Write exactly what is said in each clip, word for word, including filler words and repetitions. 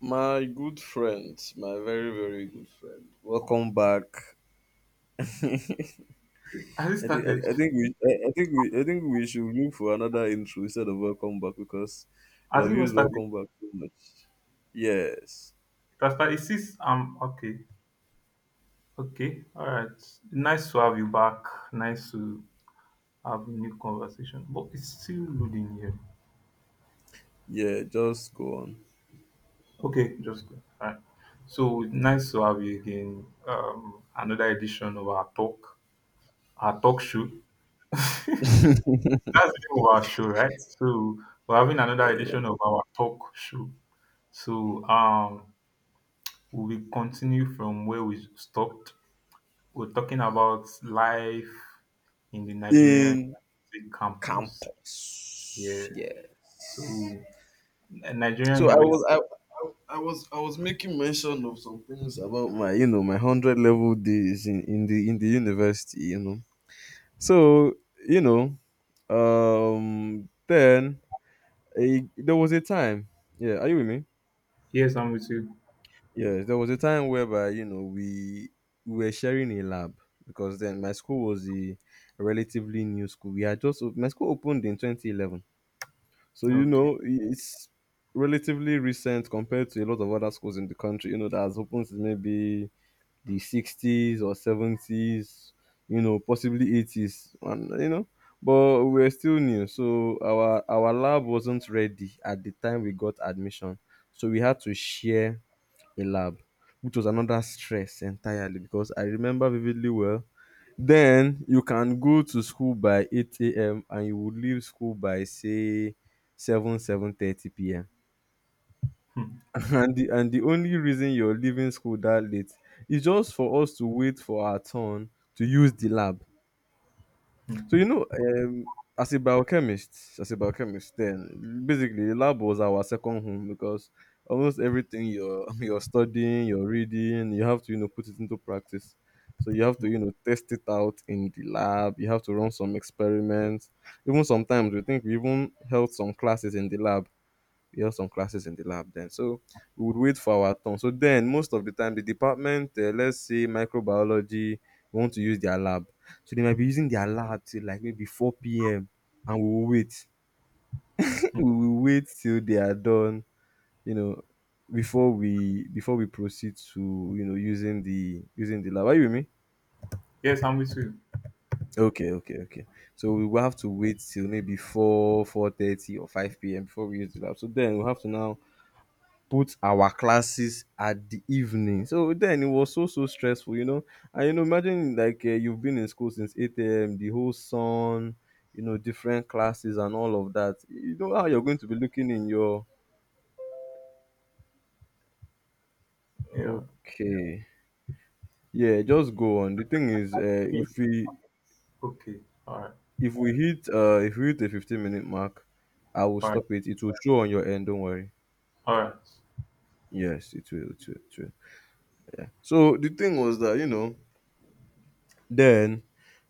My good friend, my very very good friend. Welcome back. Has it I think I, started? thi- I think we I, I think we I think we should look for another intro instead of welcome back because we Has have it even used started? welcome back too much. Yes. It has started. It says, um, okay, okay, all right. Nice to have you back. Nice to have a new conversation. But it's still loading here. Yeah, just go on. Okay, just go. All right. So nice to have you again. Um, another edition of our talk, our talk show. That's the name of our show, right? So we're having another edition of our talk show. So um, we will continue from where we stopped. We're talking about life in the Nigerian In University campus. campus. Yeah. Yes. So, N- Nigerian So I was I, University. I I was I was making mention of some things about my you know my hundred level days in, in the in the university, you know. So, you know, um, then a, there was a time. Yeah, are you with me? Yes, I'm with you. Yes, there was a time whereby you know we we were sharing a lab because then my school was a relatively new school. We had just op- my school opened in twenty eleven, so you Okay. know it's relatively recent compared to a lot of other schools in the country. You know that has opened since maybe the sixties or seventies, you know, possibly eighties, and you know, but we were still new, so our our lab wasn't ready at the time we got admission, so we had to share a lab, which was another stress entirely because I remember vividly well. Then you can go to school by eight a m and you would leave school by say 7 seven thirty p.m Hmm, And the and the only reason you're leaving school that late is just for us to wait for our turn to use the lab. So you hmm, know, um, as a biochemist, as a biochemist, then basically the lab was our second home because almost everything you're you're studying, you're reading, you have to you know put it into practice. So you have to you know test it out in the lab. You have to run some experiments. Even sometimes we think we even held some classes in the lab, we have some classes in the lab then. So we would wait for our turn. So then, most of the time, the department, uh, let's say microbiology, want to use their lab. So they might be using their lab till like maybe four p m and we will wait. hmm. We will wait till they are done, you know, before we before we proceed to you know using the using the lab. Are you with me? Yes, I'm with you. Okay, okay, okay. So we will have to wait till maybe four, four thirty or five p m before we use the lab. So then we have to now put our classes at the evening. So then it was so so stressful, you know. And you know, imagine like uh, you've been in school since eight a m. The whole sun, you know, different classes and all of that. You know how you're going to be looking in your. Yeah. Okay. Yeah, just go on. The thing is, uh, Yeah. if we Okay. All right. if we hit uh if we hit the fifteen minute mark, I will All right. stop it. It will show on your end. Don't worry. All right. Yes, it will. It will. It will. So the thing was that you know then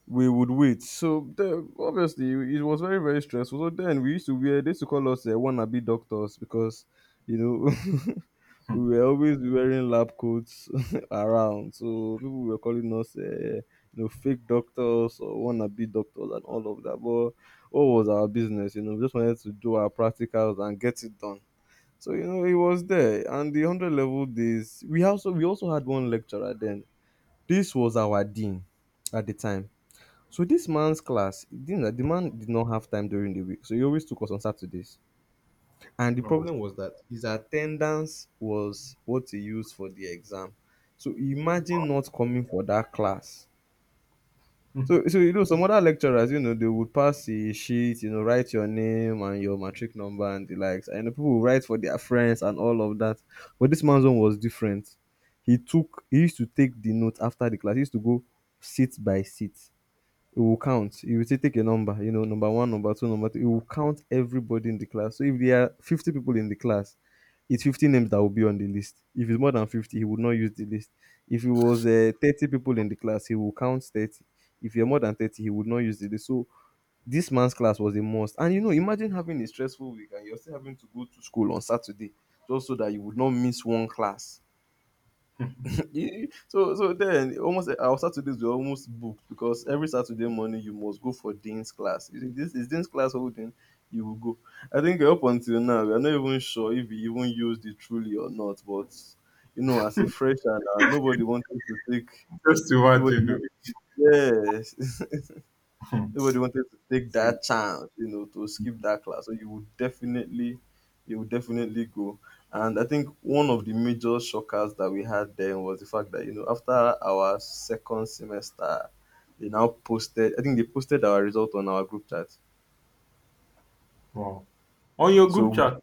we would wait. So the, obviously it was very very stressful. So then we used to wear they used to call us uh, wannabe doctors because you know Hmm. we were always wearing lab coats around. So people were calling us uh, you know fake doctors or wannabe doctors and all of that. But what was our business? You know, we just wanted to do our practicals and get it done. So you know it was there, and the hundred level days we also we also had one lecturer then. This was our dean at the time, so this man's class, it didn't, the man did not have time during the week, so he always took us on Saturdays. And the Oh. problem was that his attendance was what he used for the exam. So imagine not coming for that class. Hmm, So, so you know, some other lecturers, you know, they would pass a sheet, you know, write your name and your matric number and the likes. And you know, people would write for their friends and all of that. But this man's one was different. He took, he used to take the note after the class. He used to go seat by seat. It will count. You will still take a number, you know, number one, number two, number three. It will count everybody in the class. So if there are fifty people in the class, it's fifty names that will be on the list. If it's more than fifty, he would not use the list. If it was uh, thirty people in the class, he will count thirty. If you're more than thirty, he would not use the list. So this man's class was a must. And you know, imagine having a stressful week and you're still having to go to school on Saturday just so that you would not miss one class. hmm. Yeah, so so then almost uh, our Saturdays were almost booked because every Saturday morning you must go for Dean's class. Is it- this is Dean's class holding? You will go. I think up until now we are not even sure if we even used it truly or not. But you know, as a fresher, now, nobody wanted to take. Just Nobody, wa- imagine. yes. Oh. Hmm. Nobody wanted to take See. that chance, you know, to skip that class. So you would definitely, you would definitely go. And I think one of the major shockers that we had then was the fact that you know after our second semester, they now posted. I think they posted our result on our group chat. Wow. On your So group we- chat.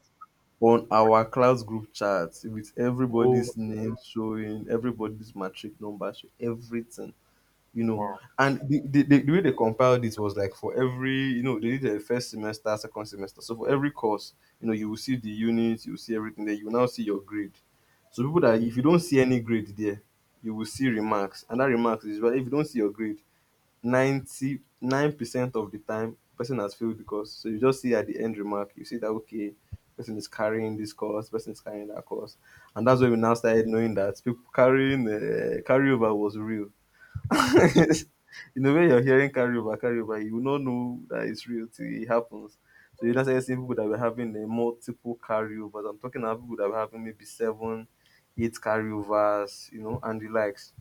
on our class group chat, with Oh, everybody's name showing, everybody's matric number showing, everything you know. wow. And the, the, the, the way they compiled it was like for every, you know, they did a first semester, second semester. So for every course, you know, you will see the units, you will see everything there, you will now see your grade. So people that Hmm. if you don't see any grade there, you will see remarks. And that remarks is, well, if you don't see your grade, ninety-nine percent of the time person has failed, because so you just see at the end remark, you see that okay, person is carrying this course, person is carrying that course. And that's when we now started knowing that people carrying uh, carryover was real in the way, you're hearing carryover, carryover. You will not know, no, that it's real till it happens. So you don't start seeing people that were having uh, multiple carryovers. I'm talking about people that were having maybe seven, eight carryovers, you know, and the likes.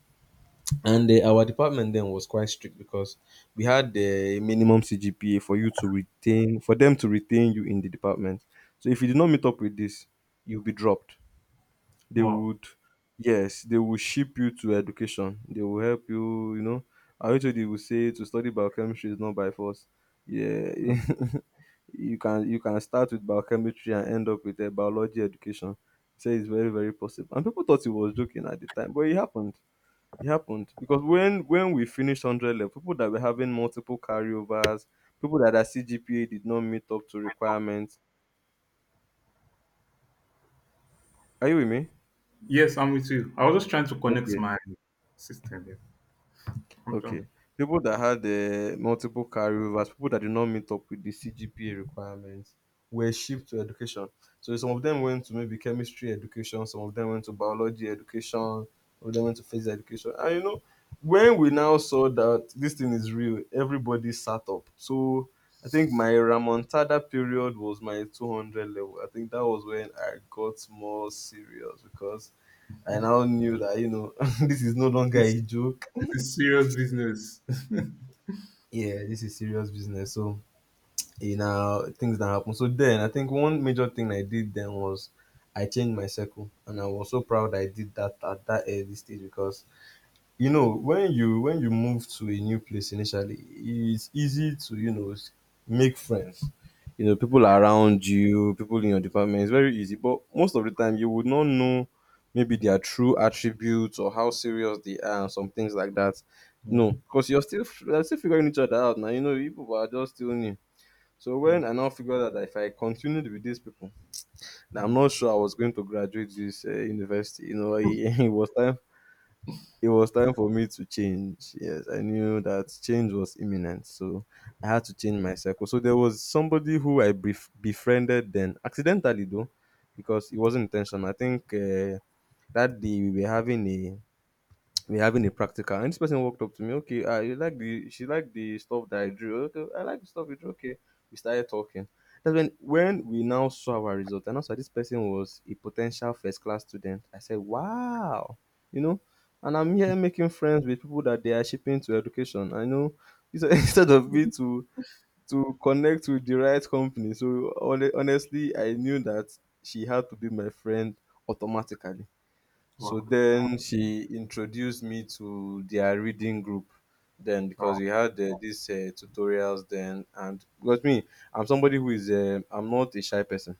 And uh, our department then was quite strict because we had the minimum C G P A for you to retain, for them to retain you in the department. So if you did not meet up with this, you'll be dropped. They Wow. would. Yes, they will ship you to education. They will help you you know I wish they will say to study biochemistry is not by force. Yeah. Hmm. you can you can start with biochemistry and end up with a biology education. Say it's very very possible, and people thought he was joking at the time, but it happened. It happened because when when we finished one hundred level, people that were having multiple carryovers, people that their CGPA did not meet up to requirements, are you with me? Yes, I'm with you. I was just trying to connect Okay. my system. Yeah. I'm trying. Okay. People that had uh, multiple carryovers, people that did not meet up with the C G P A requirements, were shipped to education. So some of them went to maybe chemistry education, some of them went to biology education, some of them went to physics education. And you know, when we now saw that this thing is real, everybody sat up. So I think my Ramontada period was my two hundred level. I think that was when I got more serious because I now knew that, you know, this is no longer a It's joke. it's a serious business. Yeah, this is serious business. So you know things that happen. So then I think one major thing I did then was I changed my circle, and I was so proud I did that at that early stage, because you know when you when you move to a new place initially it's easy to you know s- make friends. You know people around you, people in your department, it's very easy, but most of the time you would not know maybe Yeah, their true attributes or how serious they are and some things like that. yeah, No, because you're still you're still figuring each other out now. You know you people are just still new. So yeah. when I now figured out that if I continued with these people, now I'm not Mm. sure I was going to graduate this uh, university you know it, it was time it was time for me to change. Yes, I knew that change was imminent, so I had to change my circle. So there was somebody who I bef- befriended then, accidentally though, because it wasn't intentional. I think uh, that day we were having a we having a practical, and this person walked up to me. Okay, uh, you like the she liked the stuff that I drew. Okay, I like the stuff you drew. Okay, we started talking. That's when when we now saw our result, and also this person was a potential first class student. I said wow, you know, and I'm here making friends with people that they are shipping to education, I know, instead instead of me to to connect with the right company. So hone- honestly, I knew that she had to be my friend automatically. So Wow, then she introduced me to their reading group. Then because wow. we had uh, these uh, tutorials then, and because me, I'm somebody who is uh, I'm not a shy person.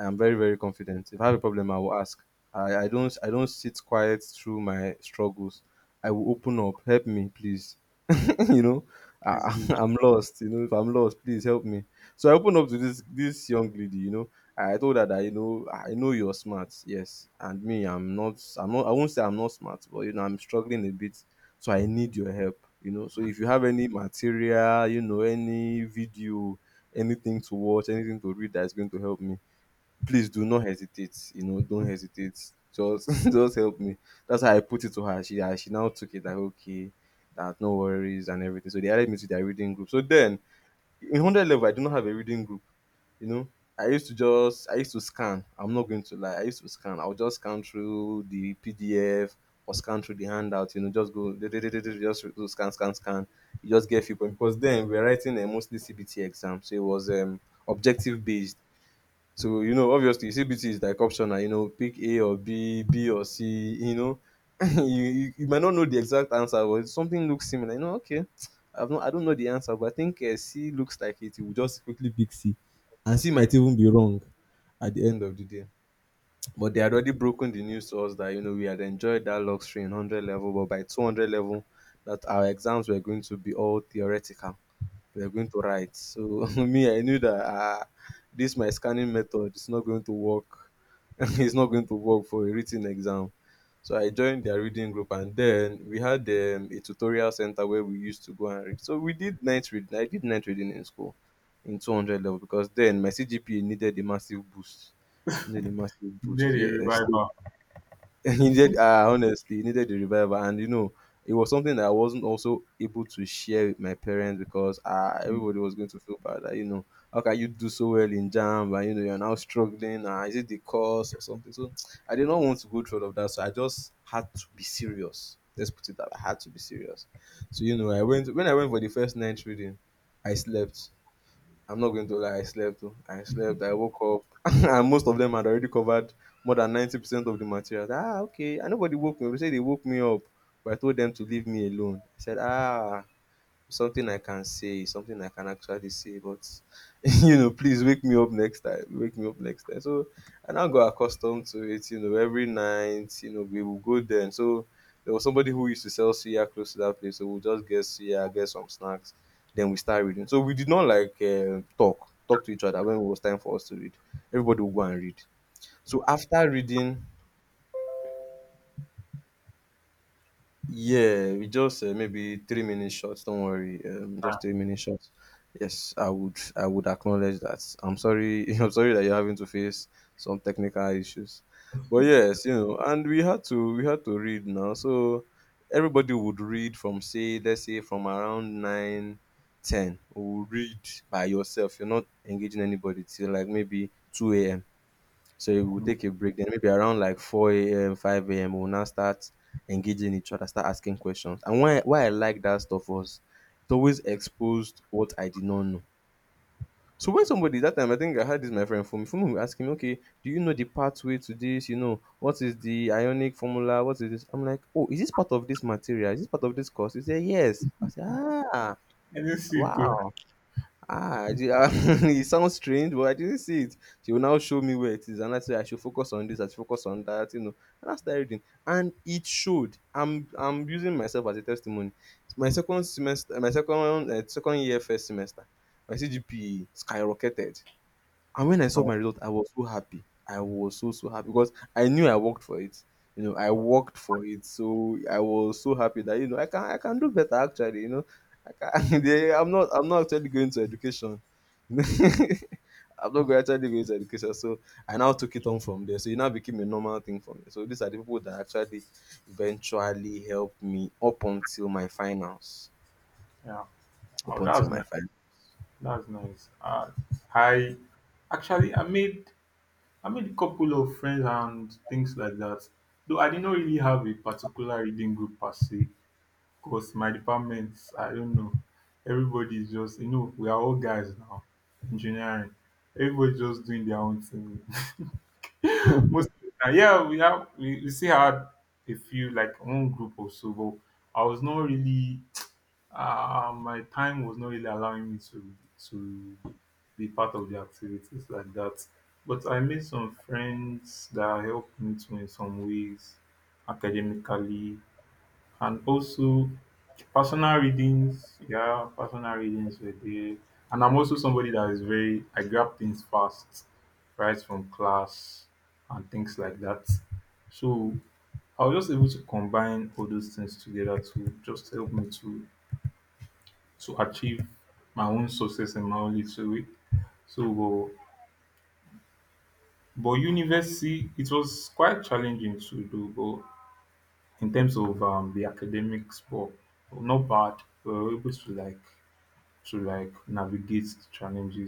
I'm very, very confident. If I have a problem, I will ask. I, I don't I don't sit quiet through my struggles. I will open up. Help me, please. You know, It's I, good. I'm lost. You know, if I'm lost, please help me. So I opened up to this this young lady. You know, I told her that, you know, I know you're smart. Yes, and me, I'm not. I'm not. I won't say I'm not smart, but you know, I'm struggling a bit. So I need your help. You know, so if you have any material, you know, any video, anything to watch, anything to read that is going to help me, please do not hesitate. You know, don't hesitate. Just just help me. That's how I put it to her. She uh, she now took it like, okay, that no worries and everything. So they added me to their reading group. So then in hundred level, I do not have a reading group. You know, I used to just I used to scan. I'm not going to lie. I used to scan. I would just scan through the P D F or scan through the handout. You know, just go just do scan scan scan. You just get few points because then we're writing a mostly C B T exam, so it was um objective based. So, you know, obviously C B T is like optional, you know, pick A or B, B or C, you know. you, you you might not know the exact answer, but something looks similar. You know, okay. I've not, I don't know the answer, but I think uh, C looks like it. You will just quickly pick C. And C might even be wrong at the end of the day. But they had already broken the news to us that, you know, we had enjoyed that luxury in one hundred level, but by two hundred level, that our exams were going to be all theoretical, we are going to write. So me, I knew that uh, this my scanning method is not going to work. It's not going to work for a written exam. So I joined their reading group, and then we had um, a tutorial center where we used to go and read. So we did night reading. I did night reading in school in two hundred level because then my C G P A needed a massive boost. Needed a massive You boost. need a Yes. revival. He did uh, honestly, he needed the revival, and you know, it was something that I wasn't also able to share with my parents because uh, everybody Mm, was going to feel bad that, you know, how can you do so well in jam, but you know, you're now struggling. Uh, is it the course or something? So I did not want to go through all of that. So I just had to be serious. Let's put it that I had to be serious. So you know, I went when I went for the first night reading, I slept. I'm not going to lie, I slept. Oh. I slept. I woke up, and most of them had already covered more than ninety percent of the material. Ah, okay. And nobody woke me. They said they woke me up, but I told them to leave me alone. I said, ah, something I can say, something I can actually say, but you know, please wake me up next time. Wake me up next time. So I now got accustomed to it, you know, every night, you know, we will go there. And so there was somebody who used to sell suya close to that place. So we'll just get suya, get some snacks, then we start reading. So we did not like uh, talk, talk to each other when it was time for us to read. Everybody would go and read. So after reading, yeah, we just uh, maybe three minutes short. Don't worry, um, just three minutes short. Yes, I would, I would acknowledge that. I'm sorry, I'm sorry that you're having to face some technical issues, but yes, you know, and we had to, we had to read now. So everybody would read from say, let's say from around nine, ten. Would read by yourself. You're not engaging anybody till like maybe two a m. So we will mm. take a break. Then maybe around like four a m, five a m, we'll now start engaging each other, start asking questions. And why why I like that stuff was it always exposed what I did not know. So when somebody that time, I think I had this my friend from from asking me, okay, do you know the pathway to this? You know, what is the ionic formula? What is this? I'm like, oh, is this part of this material? Is this part of this course? He said, yes. I said, ah, I didn't see it too. wow. Ah, I did, ah, it sounds strange, but I didn't see it. She will now show me where it is, and I say I should focus on this, I should focus on that, you know. And I started reading, and it showed. I'm I'm using myself as a testimony. My second semester, my second uh, second year first semester, my C G P A skyrocketed. And when I saw Oh, my result, I was so happy. I was so, so happy because I knew I worked for it. You know, I worked for it. So I was so happy that, you know, I can I can do better actually, you know. I can they, I'm not I'm not actually going to education. I'm not going actually going to education. So I now took it on from there. So it now became a normal thing for me. So these are the people that actually eventually helped me up until my finals. yeah. Up Oh, until that's my nice. finals. That's nice. Uh, I actually I made I made a couple of friends and things like that. Though I did not really have a particular reading group per se, because my department, I don't know, everybody is just, you know, we are all guys now, engineering. Everybody's just doing their own thing. Most of yeah, we have we, we still had a few like one group or so, but I was not really, uh, my time was not really allowing me to to be part of the activities like that. But I made some friends that helped me too in some ways, academically, and also personal readings. yeah, Personal readings were there. And I'm also somebody that is very, I grab things fast, right from class and things like that. So I was just able to combine all those things together to just help me to to achieve my own success in my own little way. So, but, but university, it was quite challenging to do, but in terms of um, the academics, but, not bad. We were able to like to like navigate challenges